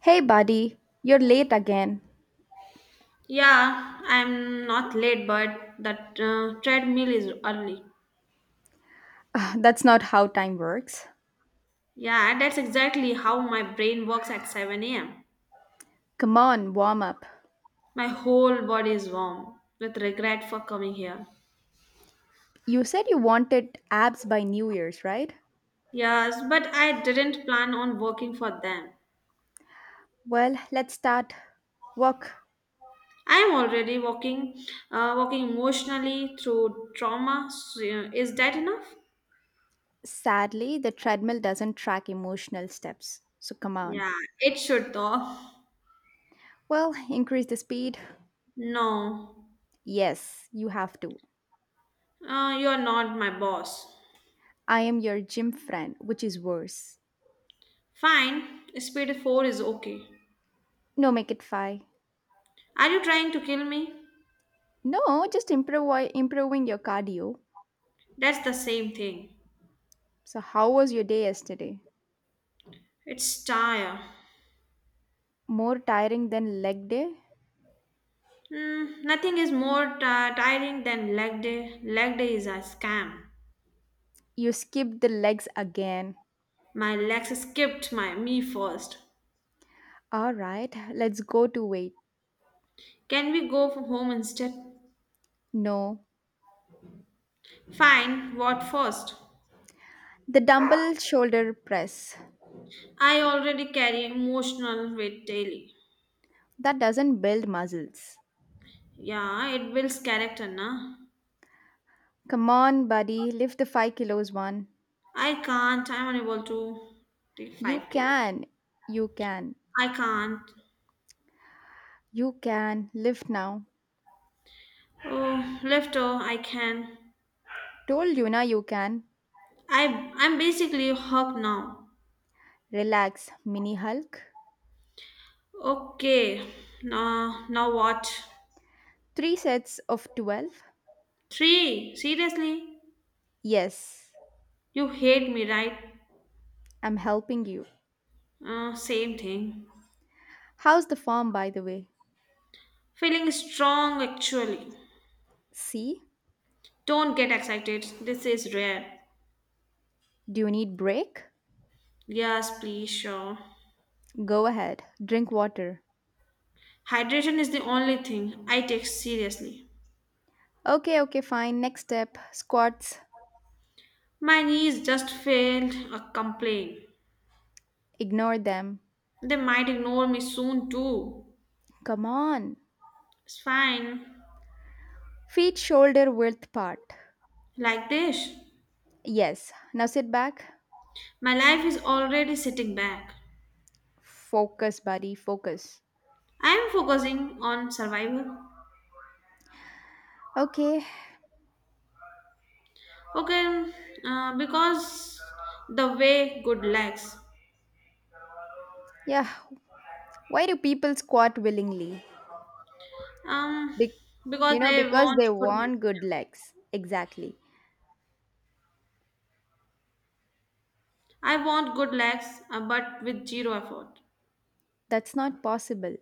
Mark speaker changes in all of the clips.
Speaker 1: Hey, buddy, you're late again.
Speaker 2: Yeah, I'm not late, but that treadmill is early.
Speaker 1: Ah, that's not how time works.
Speaker 2: Yeah, that's exactly how my brain works at 7 a.m.
Speaker 1: Come on, warm up.
Speaker 2: My whole body is warm with regret for coming here.
Speaker 1: You said you wanted abs by New Year's, right?
Speaker 2: Yes, but I didn't plan on working for them.
Speaker 1: Well, let's start. Walk.
Speaker 2: I'm already walking, walking emotionally through trauma. So, is that enough?
Speaker 1: Sadly, the treadmill doesn't track emotional steps. So come on.
Speaker 2: Yeah, it should though.
Speaker 1: Well, increase the speed.
Speaker 2: No,
Speaker 1: Yes, you have to.
Speaker 2: you're not my boss.
Speaker 1: I am your gym friend, which is worse.
Speaker 2: Fine, speed 4 is okay.
Speaker 1: No, make it five.
Speaker 2: Are you trying to kill me?
Speaker 1: No, just improving your cardio.
Speaker 2: That's the same thing.
Speaker 1: So, how was your day yesterday?
Speaker 2: It's tire.
Speaker 1: More tiring than leg day?
Speaker 2: Nothing is more tiring than leg day. Leg day is a scam.
Speaker 1: You skip the legs again.
Speaker 2: My legs skipped my me first.
Speaker 1: All right, let's go to weight.
Speaker 2: Can we go for home instead?
Speaker 1: No,
Speaker 2: Fine. What first?
Speaker 1: the dumbbell shoulder press.
Speaker 2: I already carry emotional weight daily.
Speaker 1: That doesn't build muscles.
Speaker 2: Yeah, it builds character, na.
Speaker 1: Come on, buddy, lift the 5 kilos one.
Speaker 2: I can't. I'm unable to take
Speaker 1: You
Speaker 2: 5 kilos.
Speaker 1: can, you can,
Speaker 2: I can't.
Speaker 1: you can, lift now.
Speaker 2: Oh, lifter, I can.
Speaker 1: Told you na you can.
Speaker 2: I'm basically hooked now.
Speaker 1: Relax, Mini Hulk.
Speaker 2: Okay. Now what?
Speaker 1: Three sets of 12?
Speaker 2: Three. Seriously?
Speaker 1: Yes,
Speaker 2: You hate me, right?
Speaker 1: I'm helping you.
Speaker 2: Same thing.
Speaker 1: How's the form, by the way?
Speaker 2: Feeling strong actually.
Speaker 1: See?
Speaker 2: Don't get excited. This is rare.
Speaker 1: Do you need break?
Speaker 2: Yes, please, sure.
Speaker 1: Go ahead, drink water.
Speaker 2: Hydration is the only thing I take seriously.
Speaker 1: Okay, okay, fine. Next step squats.
Speaker 2: My knees just failed a complaint.
Speaker 1: Ignore them.
Speaker 2: They might ignore me soon too.
Speaker 1: Come on.
Speaker 2: It's fine.
Speaker 1: Feet shoulder width apart.
Speaker 2: Like this.
Speaker 1: Yes. Now sit back.
Speaker 2: My life is already sitting back.
Speaker 1: Focus, buddy. Focus.
Speaker 2: I am focusing on survival.
Speaker 1: Okay.
Speaker 2: Okay, because the way good legs.
Speaker 1: Yeah. Why do people squat willingly?
Speaker 2: Um,
Speaker 1: Be-
Speaker 2: because they
Speaker 1: because
Speaker 2: want
Speaker 1: they
Speaker 2: good
Speaker 1: want
Speaker 2: legs.
Speaker 1: good legs. Exactly.
Speaker 2: I want good legs, but with zero effort.
Speaker 1: That's not possible.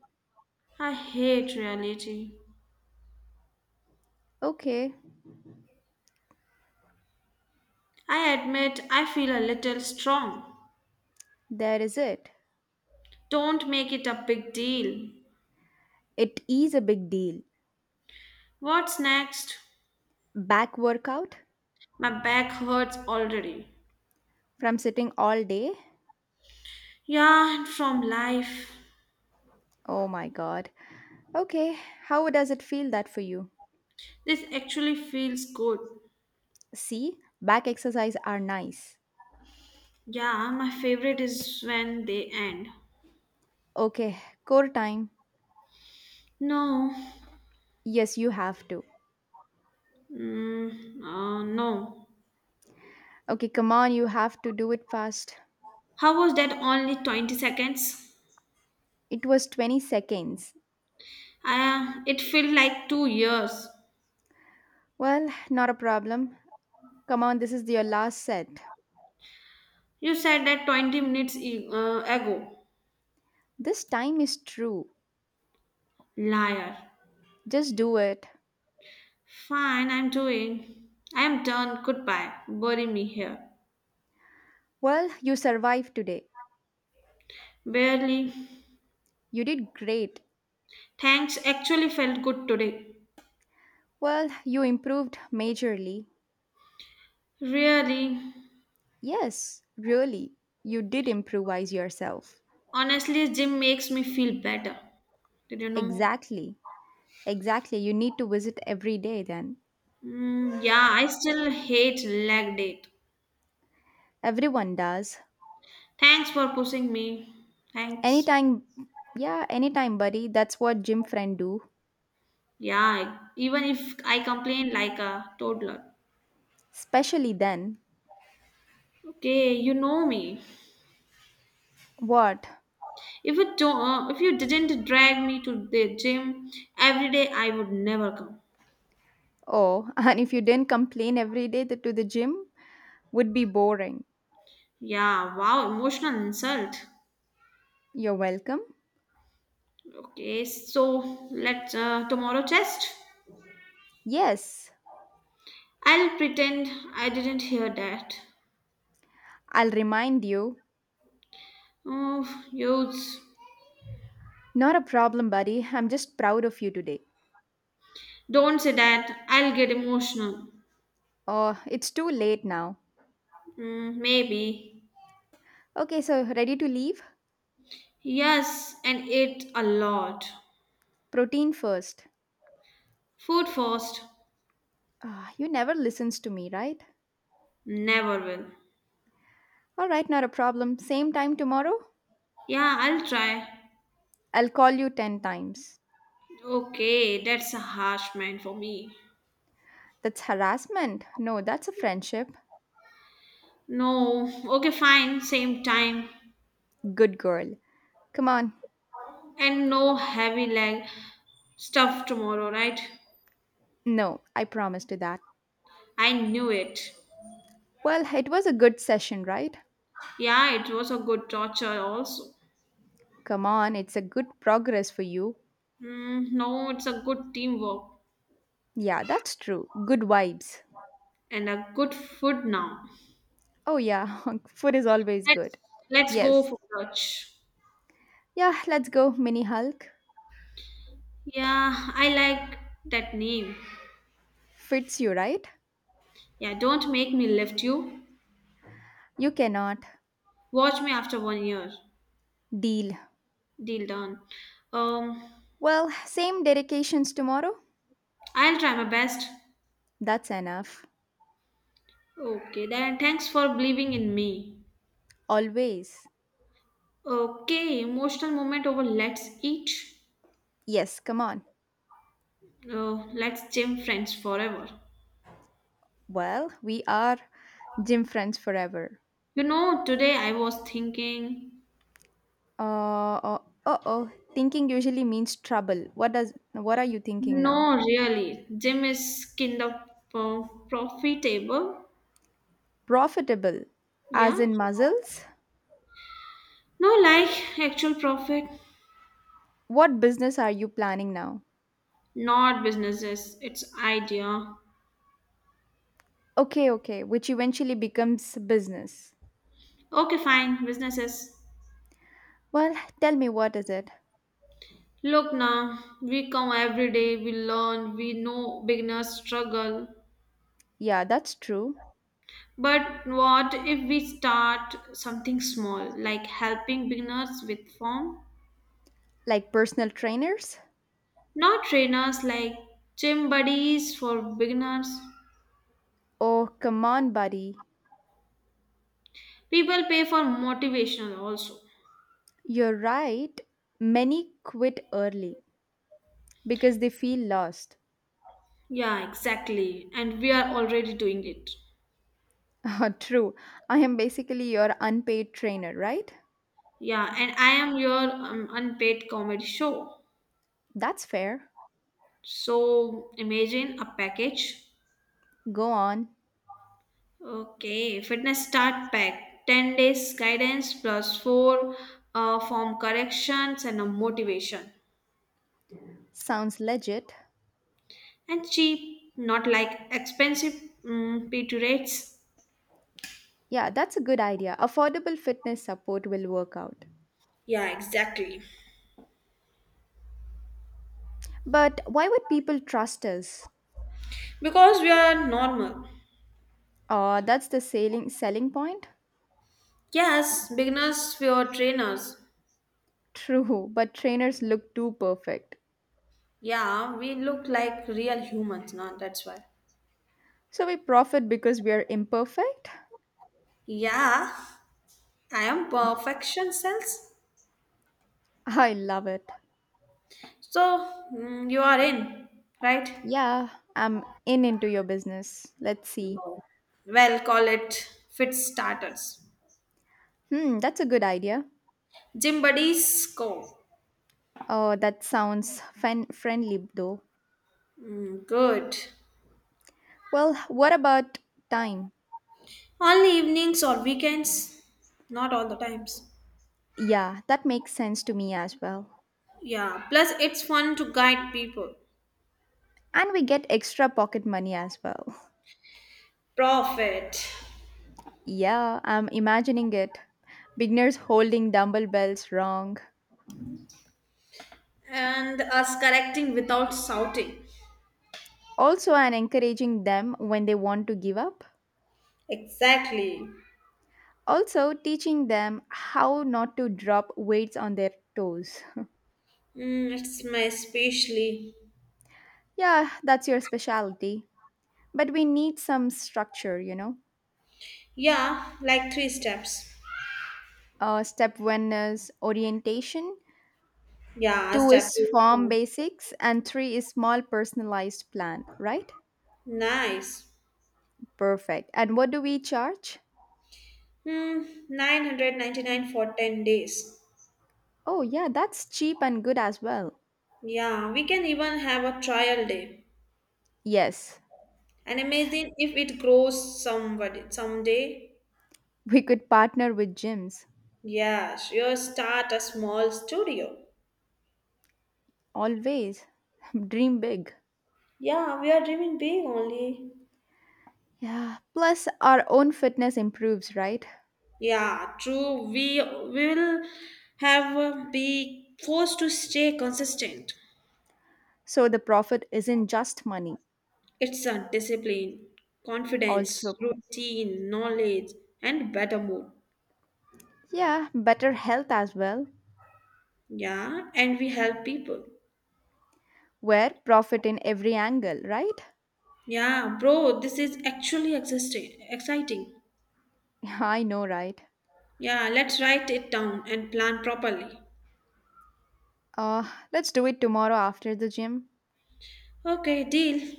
Speaker 2: I hate reality.
Speaker 1: Okay.
Speaker 2: I admit I feel a little strong.
Speaker 1: There is it.
Speaker 2: Don't make it a big deal.
Speaker 1: It is a big deal.
Speaker 2: What's next?
Speaker 1: Back workout
Speaker 2: My back hurts already.
Speaker 1: from sitting all day.
Speaker 2: Yeah, and from life.
Speaker 1: Oh my god. Okay, how does it feel that for you?
Speaker 2: This actually feels good.
Speaker 1: See, back exercise are nice.
Speaker 2: Yeah, my favorite is when they end.
Speaker 1: Okay, core time.
Speaker 2: No,
Speaker 1: Yes, you have to.
Speaker 2: no.
Speaker 1: Okay, come on, you have to do it fast.
Speaker 2: How was that only 20 seconds?
Speaker 1: It was 20 seconds.
Speaker 2: It felt like 2 years.
Speaker 1: Well, not a problem. Come on, this is your last set.
Speaker 2: You said that 20 minutes ago.
Speaker 1: This time is true.
Speaker 2: Liar.
Speaker 1: Just do it.
Speaker 2: Fine, I'm doing. I am done. Goodbye. Bury me here.
Speaker 1: Well, you survived today.
Speaker 2: Barely.
Speaker 1: You did great.
Speaker 2: Thanks actually felt good today.
Speaker 1: Well, you improved majorly.
Speaker 2: Really.
Speaker 1: Yes, really. You did improvise yourself.
Speaker 2: Honestly, gym makes me feel better. Did you know?
Speaker 1: Exactly. Exactly. You need to visit every day then.
Speaker 2: Mm, yeah, I still hate leg day.
Speaker 1: Everyone does.
Speaker 2: Thanks for pushing me. Thanks.
Speaker 1: Anytime, yeah, anytime, buddy. That's what gym friend do.
Speaker 2: Yeah, even if I complain like a toddler.
Speaker 1: Especially then.
Speaker 2: Okay, you know me.
Speaker 1: What?
Speaker 2: If it don't, If you didn't drag me to the gym every day, I would never come.
Speaker 1: Oh, and if you didn't complain every day to the gym, would be boring.
Speaker 2: Yeah, wow, emotional insult.
Speaker 1: You're welcome.
Speaker 2: Okay, so let's tomorrow test.
Speaker 1: Yes.
Speaker 2: I'll pretend I didn't hear that.
Speaker 1: I'll remind you.
Speaker 2: Oh, youths,
Speaker 1: Not a problem, buddy. I'm just proud of you today.
Speaker 2: don't say that. I'll get emotional.
Speaker 1: Oh, it's too late now.
Speaker 2: Mm, maybe.
Speaker 1: Okay, so ready to leave?
Speaker 2: Yes, and eat a lot.
Speaker 1: Protein first.
Speaker 2: Food first.
Speaker 1: Ah, you never listens to me, right?
Speaker 2: Never will.
Speaker 1: All right, not a problem. Same time tomorrow?
Speaker 2: Yeah, I'll try.
Speaker 1: I'll call you 10 times.
Speaker 2: Okay, that's a harsh man for me.
Speaker 1: That's harassment. No, that's a friendship.
Speaker 2: No, okay, fine, same time.
Speaker 1: Good girl. Come on.
Speaker 2: And no heavy leg stuff tomorrow, right?
Speaker 1: No, I promise to that.
Speaker 2: I knew it.
Speaker 1: Well, it was a good session, right?
Speaker 2: Yeah, it was a good torture also.
Speaker 1: Come on, it's a good progress for you.
Speaker 2: Mm, no, it's a good teamwork
Speaker 1: Yeah, that's true. Good vibes.
Speaker 2: and a good food now.
Speaker 1: Oh, yeah, food is always
Speaker 2: Let's
Speaker 1: good.
Speaker 2: let's go
Speaker 1: Yes.
Speaker 2: for lunch.
Speaker 1: Yeah, let's go, Mini Hulk.
Speaker 2: Yeah, I like that name.
Speaker 1: Fits you, right?
Speaker 2: Yeah, don't make me lift you.
Speaker 1: You cannot.
Speaker 2: Watch me after one year.
Speaker 1: Deal.
Speaker 2: Deal done. Um,
Speaker 1: Well, same dedications tomorrow?
Speaker 2: I'll try my best.
Speaker 1: That's enough.
Speaker 2: Okay, then thanks for believing in me.
Speaker 1: Always.
Speaker 2: Okay, emotional moment over let's eat.
Speaker 1: Yes, come on.
Speaker 2: Let's gym friends forever.
Speaker 1: Well, we are gym friends forever.
Speaker 2: You know, today I was thinking,
Speaker 1: Uh oh, uh oh. Thinking usually means trouble. What are you thinking now?
Speaker 2: no, really, gym is kind of profitable.
Speaker 1: Profitable, as
Speaker 2: Yeah,
Speaker 1: in muscles?
Speaker 2: no, like actual profit,
Speaker 1: What business are you planning now?
Speaker 2: not businesses. It's idea.
Speaker 1: Okay, okay, which eventually becomes business.
Speaker 2: Okay, fine, businesses.
Speaker 1: Well, tell me what is it?
Speaker 2: Look now, we come every day, we learn, we know beginners struggle.
Speaker 1: Yeah, that's true.
Speaker 2: But what if we start something small, like helping beginners with form?
Speaker 1: Like personal trainers?
Speaker 2: Not trainers like gym buddies for beginners.
Speaker 1: Oh, come on, buddy.
Speaker 2: People pay for motivational also.
Speaker 1: You're right. Many quit early because they feel lost.
Speaker 2: Yeah, exactly. And we are already doing it.
Speaker 1: True. I am basically your unpaid trainer, right?
Speaker 2: Yeah, and I am your unpaid comedy show.
Speaker 1: That's fair.
Speaker 2: So imagine a package.
Speaker 1: Go on.
Speaker 2: Okay, fitness start pack 10 days guidance plus 4 form corrections and a motivation.
Speaker 1: Sounds legit.
Speaker 2: And cheap, not like expensive P2 rates.
Speaker 1: Yeah, that's a good idea. Affordable fitness support will work out.
Speaker 2: Yeah, exactly.
Speaker 1: But why would people trust us?
Speaker 2: Because we are normal.
Speaker 1: That's the selling point.
Speaker 2: Yes, beginners, we are trainers.
Speaker 1: True, but trainers look too perfect.
Speaker 2: Yeah, we look like real humans, no? That's why.
Speaker 1: So we profit because we are imperfect?
Speaker 2: Yeah, I am perfection cells.
Speaker 1: I love it.
Speaker 2: So, you are in, right?
Speaker 1: Yeah, I'm in into your business. Let's see.
Speaker 2: No. Well, call it fit starters.
Speaker 1: Hmm, that's a good idea.
Speaker 2: Gym buddies go.
Speaker 1: Oh, that sounds friendly though.
Speaker 2: Mm, good.
Speaker 1: Well, what about time?
Speaker 2: Only evenings or weekends, not all the times.
Speaker 1: Yeah, that makes sense to me as well.
Speaker 2: Yeah, plus it's fun to guide people.
Speaker 1: And we get extra pocket money as well.
Speaker 2: Profit.
Speaker 1: Yeah, I'm imagining it. Beginners holding dumbbells wrong.
Speaker 2: And us correcting without shouting.
Speaker 1: Also, and encouraging them when they want to give up.
Speaker 2: Exactly.
Speaker 1: Also, teaching them how not to drop weights on their toes.
Speaker 2: Mm, it's my especially.
Speaker 1: Yeah, that's your specialty. But we need some structure, you know.
Speaker 2: Yeah, like three steps.
Speaker 1: Step one is orientation,
Speaker 2: Yeah,
Speaker 1: two
Speaker 2: step
Speaker 1: is
Speaker 2: two.
Speaker 1: farm basics, and three is small personalized plan, right?
Speaker 2: Nice.
Speaker 1: Perfect. And what do we charge?
Speaker 2: Hmm, 999 for 10 days.
Speaker 1: Oh yeah, that's cheap and good as well.
Speaker 2: Yeah, we can even have a trial day.
Speaker 1: Yes.
Speaker 2: And imagine if it grows somebody someday.
Speaker 1: We could partner with gyms.
Speaker 2: Yeah, sure, start a small studio.
Speaker 1: Always. Dream big.
Speaker 2: Yeah, we are dreaming big only.
Speaker 1: Yeah, plus our own fitness improves, right?
Speaker 2: Yeah, true. We will have be forced to stay consistent.
Speaker 1: So the profit isn't just money.
Speaker 2: It's a discipline, confidence,
Speaker 1: Also,
Speaker 2: routine, knowledge, and better mood.
Speaker 1: yeah, better health as well.
Speaker 2: Yeah, and we help people.
Speaker 1: Where profit in every angle, right?
Speaker 2: Yeah, bro, this is actually existing, exciting.
Speaker 1: I know, right.
Speaker 2: Yeah, let's write it down and plan properly.
Speaker 1: uh let's do it tomorrow after the gym.
Speaker 2: Okay, deal.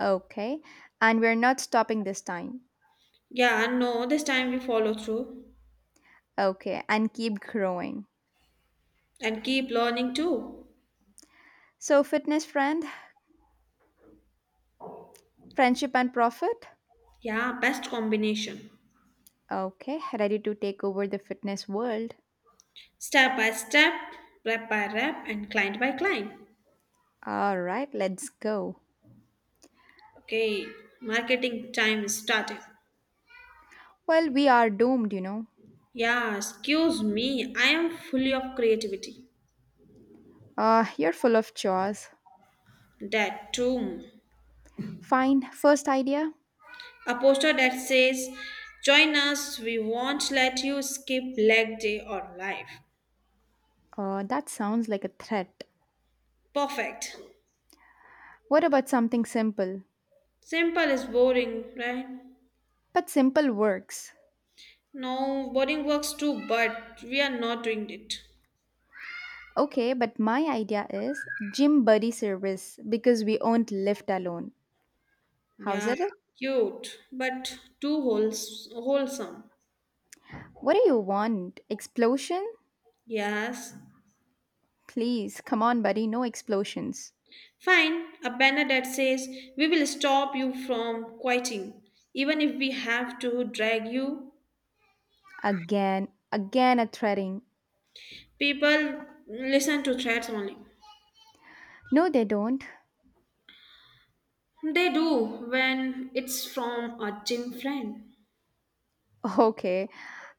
Speaker 1: Okay. And we're not stopping this time.
Speaker 2: Yeah, no, this time we follow through
Speaker 1: Okay. And keep growing.
Speaker 2: and keep learning too.
Speaker 1: So, fitness friend, friendship and profit.
Speaker 2: Yeah, best combination.
Speaker 1: Okay. Ready to take over the fitness world.
Speaker 2: Step by step, rep by rep, and client by client.
Speaker 1: All right. Let's go.
Speaker 2: Okay, marketing time is starting.
Speaker 1: Well, we are doomed, you know.
Speaker 2: Yeah, excuse me, I am fully of creativity.
Speaker 1: You're full of chores.
Speaker 2: That too.
Speaker 1: Fine. First idea.
Speaker 2: A poster that says, "Join us, we won't let you skip leg day or life."
Speaker 1: That sounds like a threat.
Speaker 2: Perfect.
Speaker 1: What about something simple?
Speaker 2: Simple is boring, right?
Speaker 1: But simple works.
Speaker 2: No, boring works too, but we are not doing it.
Speaker 1: Okay, but my idea is gym buddy service because we won't lift alone. How's
Speaker 2: Yeah,
Speaker 1: it?
Speaker 2: cute, but too wholesome.
Speaker 1: What do you want? Explosion?
Speaker 2: Yes.
Speaker 1: Please, come on, buddy, no explosions.
Speaker 2: Fine, a banner that says, "We will stop you from quitting, even if we have to drag you."
Speaker 1: Again, again a threading.
Speaker 2: People listen to threats only.
Speaker 1: No, they don't.
Speaker 2: They do when it's from a gym friend.
Speaker 1: Okay,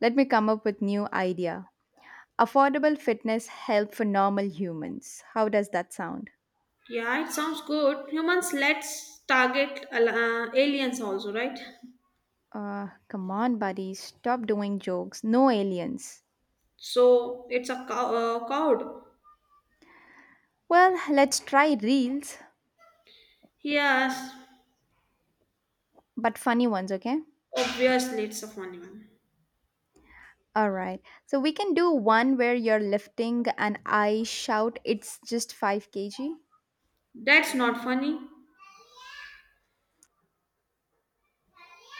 Speaker 1: let me come up with new idea. Affordable fitness help for normal humans. How does that sound?
Speaker 2: Yeah, it sounds good. Humans, let's target aliens also, right?
Speaker 1: Come on, buddy, stop doing jokes. No aliens.
Speaker 2: So it's a cow, cowed.
Speaker 1: Well, let's try reels,
Speaker 2: Yes,
Speaker 1: but funny ones, okay?
Speaker 2: obviously it's a funny one.
Speaker 1: All right. So we can do one where you're lifting and I shout it's just 5 kg.
Speaker 2: That's not funny.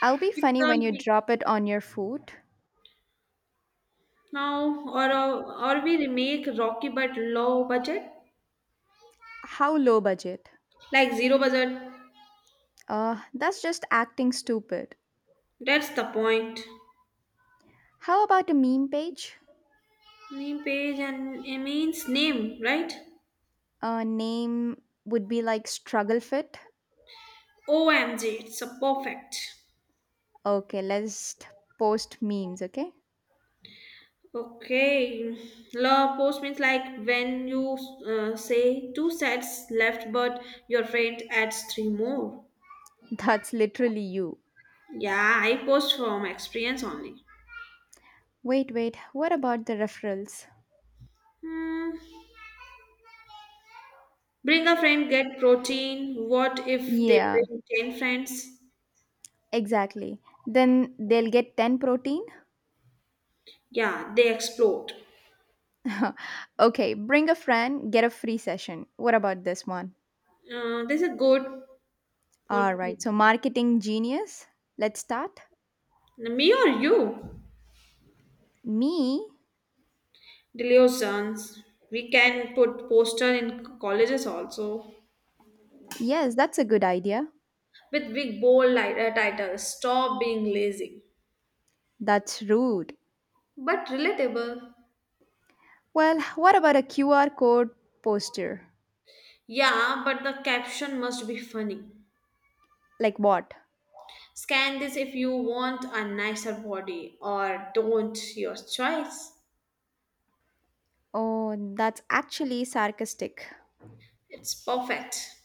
Speaker 1: I'll be
Speaker 2: It's
Speaker 1: funny
Speaker 2: a
Speaker 1: when you drop it on your food.
Speaker 2: now or a, or we remake Rocky but low budget,
Speaker 1: How low budget?
Speaker 2: like zero budget.
Speaker 1: That's just acting stupid.
Speaker 2: That's the point.
Speaker 1: How about a meme page?
Speaker 2: Name page and it means name, right?
Speaker 1: A name would be like Struggle Fit.
Speaker 2: OMG, it's a perfect.
Speaker 1: Okay, let's post memes, okay?
Speaker 2: Okay, love post means like when you say two sets left, but your friend adds three more.
Speaker 1: That's literally you.
Speaker 2: Yeah, I post from experience only.
Speaker 1: Wait, wait, what about the referrals?
Speaker 2: Hmm. Bring a friend, get protein. What if they
Speaker 1: Yeah,
Speaker 2: bring 10 friends?
Speaker 1: exactly. Then they'll get 10 protein.
Speaker 2: Yeah, they explode.
Speaker 1: Okay, bring a friend, get a free session. What about this one?
Speaker 2: This is good for
Speaker 1: All right, so marketing genius. Let's start.
Speaker 2: me or you.
Speaker 1: Me?
Speaker 2: Delusions. We can put poster in colleges also
Speaker 1: Yes, that's a good idea.
Speaker 2: with big bold titles. Stop being lazy.
Speaker 1: That's rude.
Speaker 2: But relatable.
Speaker 1: Well, what about a QR code poster?
Speaker 2: Yeah, but the caption must be funny.
Speaker 1: Like what?
Speaker 2: Scan this if you want a nicer body or don't, your choice.
Speaker 1: Oh, that's actually sarcastic.
Speaker 2: It's perfect.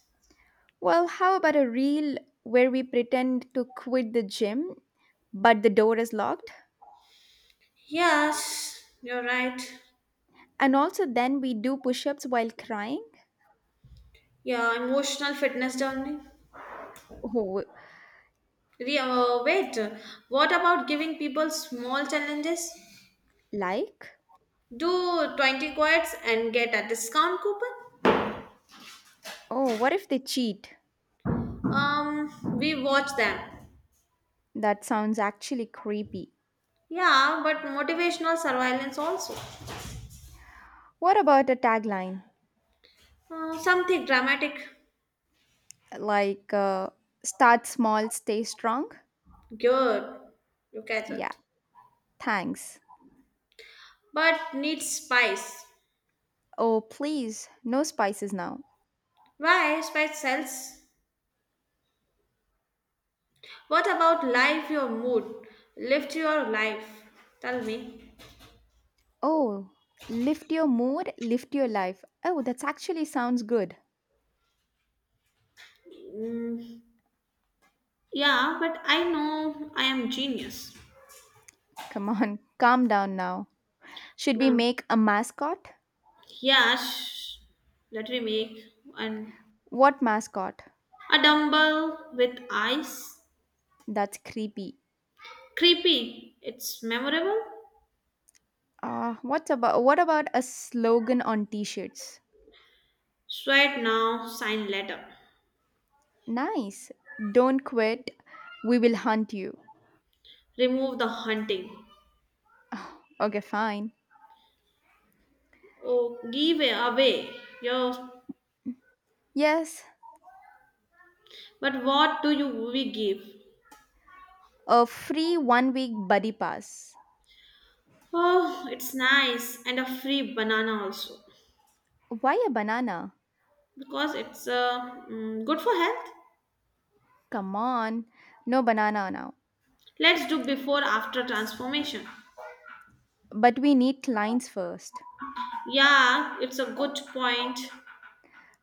Speaker 1: Well, how about a reel where we pretend to quit the gym, but the door is locked?
Speaker 2: Yes, you're right.
Speaker 1: And also, then we do push ups while crying?
Speaker 2: Yeah, emotional fitness journey.
Speaker 1: Oh,
Speaker 2: Wait, what about giving people small challenges?
Speaker 1: like?
Speaker 2: Do 20 quads and get a discount coupon?
Speaker 1: Oh, what if they cheat?
Speaker 2: We watch them.
Speaker 1: That sounds actually creepy.
Speaker 2: Yeah, but motivational surveillance also.
Speaker 1: What about a tagline?
Speaker 2: Something dramatic.
Speaker 1: Like, start small, stay strong?
Speaker 2: Good. You catch
Speaker 1: Yeah,
Speaker 2: it.
Speaker 1: thanks.
Speaker 2: But needs spice.
Speaker 1: Oh, please, no spices now.
Speaker 2: Why spice cells? What about life, your mood? Lift your life. Tell me.
Speaker 1: Oh, lift your mood, lift your life. Oh, that's actually sounds good.
Speaker 2: Mm, yeah, but I know I am genius.
Speaker 1: Come on, calm down now. Should we
Speaker 2: No.
Speaker 1: make a mascot?
Speaker 2: Yeah, sh- that we make. And
Speaker 1: What mascot?
Speaker 2: a dumbbell with eyes.
Speaker 1: That's creepy.
Speaker 2: Creepy. It's memorable.
Speaker 1: What about a slogan on t-shirts?
Speaker 2: Sweat now, sign letter.
Speaker 1: Nice. Don't quit. We will hunt you.
Speaker 2: Remove the hunting.
Speaker 1: Okay, fine.
Speaker 2: Oh, give away your.
Speaker 1: Yes,
Speaker 2: But what do you we give?
Speaker 1: a free 1 week buddy pass.
Speaker 2: Oh, it's nice and a free banana also
Speaker 1: Why a banana?
Speaker 2: because it's good for health.
Speaker 1: Come on. No banana now.
Speaker 2: Let's do before after transformation.
Speaker 1: But we need lines first.
Speaker 2: Yeah, it's a good point,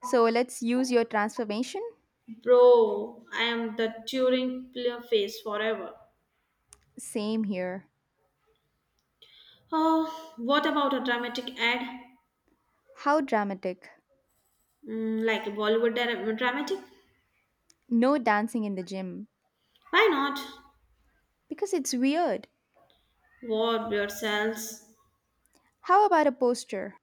Speaker 1: So let's use your transformation.
Speaker 2: bro. I am the Turing player face forever.
Speaker 1: Same here.
Speaker 2: Oh, what about a dramatic ad?
Speaker 1: How dramatic.
Speaker 2: Mm, like a Bollywood dramatic?
Speaker 1: No dancing in the gym.
Speaker 2: Why not?
Speaker 1: Because it's weird.
Speaker 2: What yourselves?
Speaker 1: How about a poster?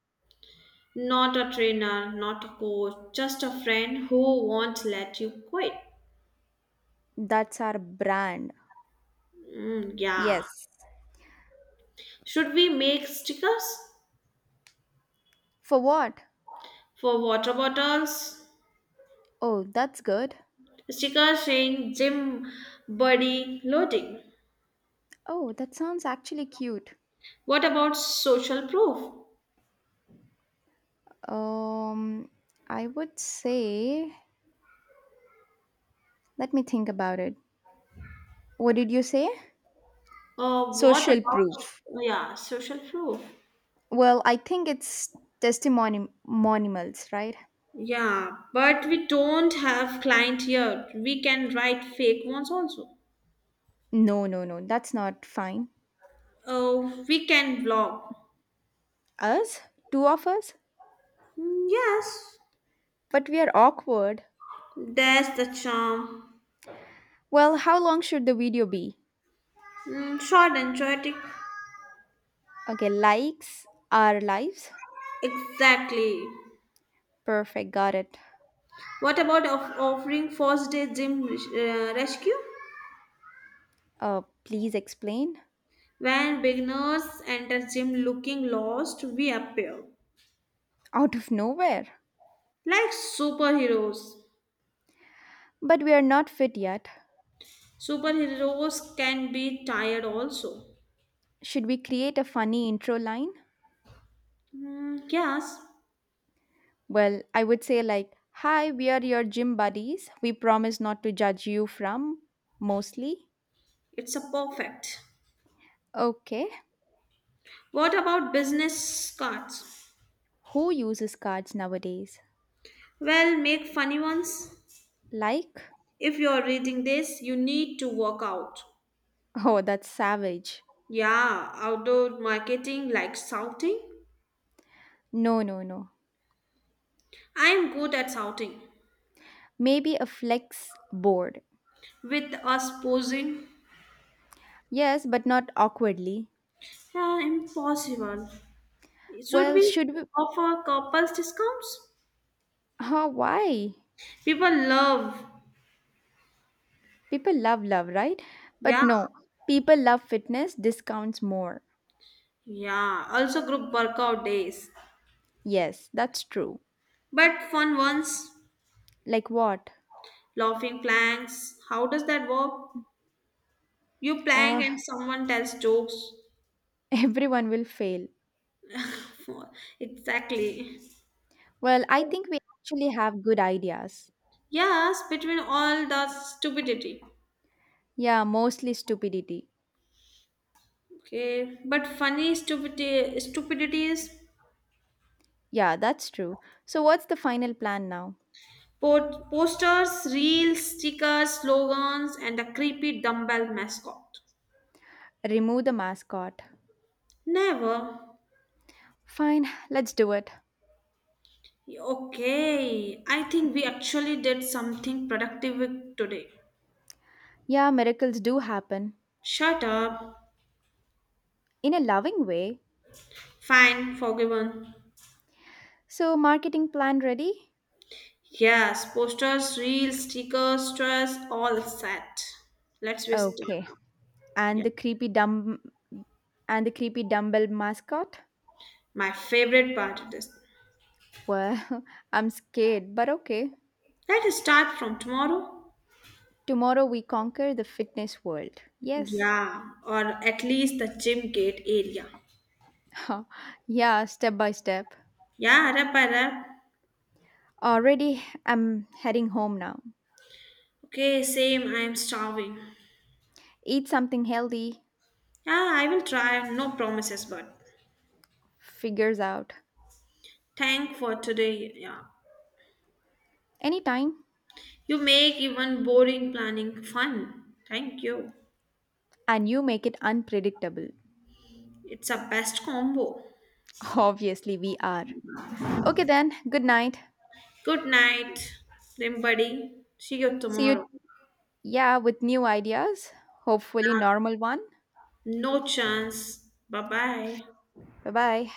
Speaker 2: Not a trainer, not a coach, just a friend who won't let you quit.
Speaker 1: That's our brand.
Speaker 2: Mm, yeah.
Speaker 1: Yes.
Speaker 2: Should we make stickers
Speaker 1: For what?
Speaker 2: for water bottles?
Speaker 1: Oh, that's good.
Speaker 2: Stickers saying gym buddy loading.
Speaker 1: Oh, that sounds actually cute.
Speaker 2: What about social proof?
Speaker 1: Um, I would say, let me think about it. What did you say?
Speaker 2: Or what
Speaker 1: Social
Speaker 2: about
Speaker 1: proof.
Speaker 2: yeah, social proof?
Speaker 1: Well, I think it's testimony monimals, right?
Speaker 2: Yeah, but we don't have client here. We can write fake ones also.
Speaker 1: No, no, no, that's not fine.
Speaker 2: Oh, we can vlog.
Speaker 1: Us? Two of us?
Speaker 2: Mm, yes,
Speaker 1: But we are awkward.
Speaker 2: that's the charm.
Speaker 1: Well, how long should the video be?
Speaker 2: Mm, short and poetic.
Speaker 1: Okay, likes our lives.
Speaker 2: Exactly.
Speaker 1: Perfect, got it.
Speaker 2: What about of offering first day gym rescue?
Speaker 1: Please explain.
Speaker 2: When beginners enter gym looking lost, we appear
Speaker 1: Out of nowhere.
Speaker 2: like superheroes.
Speaker 1: But we are not fit yet.
Speaker 2: Superheroes can be tired also.
Speaker 1: Should we create a funny intro line?
Speaker 2: Hmm, yes,
Speaker 1: Well, I would say like, "Hi, we are your gym buddies. We promise not to judge you from mostly."
Speaker 2: it's a perfect.
Speaker 1: Okay.
Speaker 2: What about business cards?
Speaker 1: Who uses cards nowadays?
Speaker 2: Well, make funny ones.
Speaker 1: Like?
Speaker 2: If you're reading this, you need to work out.
Speaker 1: Oh, that's savage.
Speaker 2: Yeah, outdoor marketing like shouting.
Speaker 1: No, no, no.
Speaker 2: I'm good at shouting.
Speaker 1: Maybe a flex board.
Speaker 2: With us posing,
Speaker 1: Yes, but not awkwardly.
Speaker 2: yeah, impossible. Should
Speaker 1: Well,
Speaker 2: we
Speaker 1: should we?
Speaker 2: offer couples discounts?
Speaker 1: Huh, why?
Speaker 2: People love,
Speaker 1: People love love, right? But
Speaker 2: yeah,
Speaker 1: no, people love fitness discounts more.
Speaker 2: yeah. Also group workout days,
Speaker 1: Yes, that's true.
Speaker 2: but fun ones,
Speaker 1: Like what?
Speaker 2: laughing planks. How does that work? You plank
Speaker 1: Uh,
Speaker 2: and someone tells jokes.
Speaker 1: everyone will fail.
Speaker 2: Exactly.
Speaker 1: Well, I think we actually have good ideas.
Speaker 2: Yes, between all the stupidity.
Speaker 1: Yeah, mostly stupidity.
Speaker 2: Okay, but funny stupidity, stupidities,
Speaker 1: Yeah, that's true. So, what's the final plan now?
Speaker 2: posters, reels, stickers, slogans, and a creepy dumbbell mascot.
Speaker 1: Remove the mascot.
Speaker 2: Never.
Speaker 1: Fine, let's do it.
Speaker 2: Okay, I think we actually did something productive with today.
Speaker 1: Yeah, miracles do happen
Speaker 2: Shut up.
Speaker 1: in a loving way.
Speaker 2: Fine, forgiven.
Speaker 1: So, marketing plan ready?
Speaker 2: Yes, posters, reels, stickers, stress, all set. Let's We start.
Speaker 1: Okay. And
Speaker 2: Yeah,
Speaker 1: the creepy dumb and the creepy dumbbell mascot?
Speaker 2: my favorite part of this.
Speaker 1: Well, I'm scared, but okay.
Speaker 2: Let us start from tomorrow.
Speaker 1: Tomorrow we conquer the fitness world. Yes.
Speaker 2: Yeah, or at least the gym gate area.
Speaker 1: Yeah, step by step.
Speaker 2: Yeah, arap, arap.
Speaker 1: Already I'm heading home now.
Speaker 2: Okay, same. I am starving.
Speaker 1: Eat something healthy,
Speaker 2: Yeah, I will try. No promises, but
Speaker 1: figures out.
Speaker 2: thank for today. Yeah,
Speaker 1: Anytime.
Speaker 2: you make even boring planning fun. Thank you.
Speaker 1: And you make it unpredictable.
Speaker 2: It's a best combo.
Speaker 1: Obviously, we are. Okay, then, good night.
Speaker 2: Good night, then buddy. See you
Speaker 1: See
Speaker 2: tomorrow.
Speaker 1: you, yeah, with new ideas. Hopefully,
Speaker 2: Uh,
Speaker 1: normal one.
Speaker 2: No chance. Bye bye.
Speaker 1: Bye bye.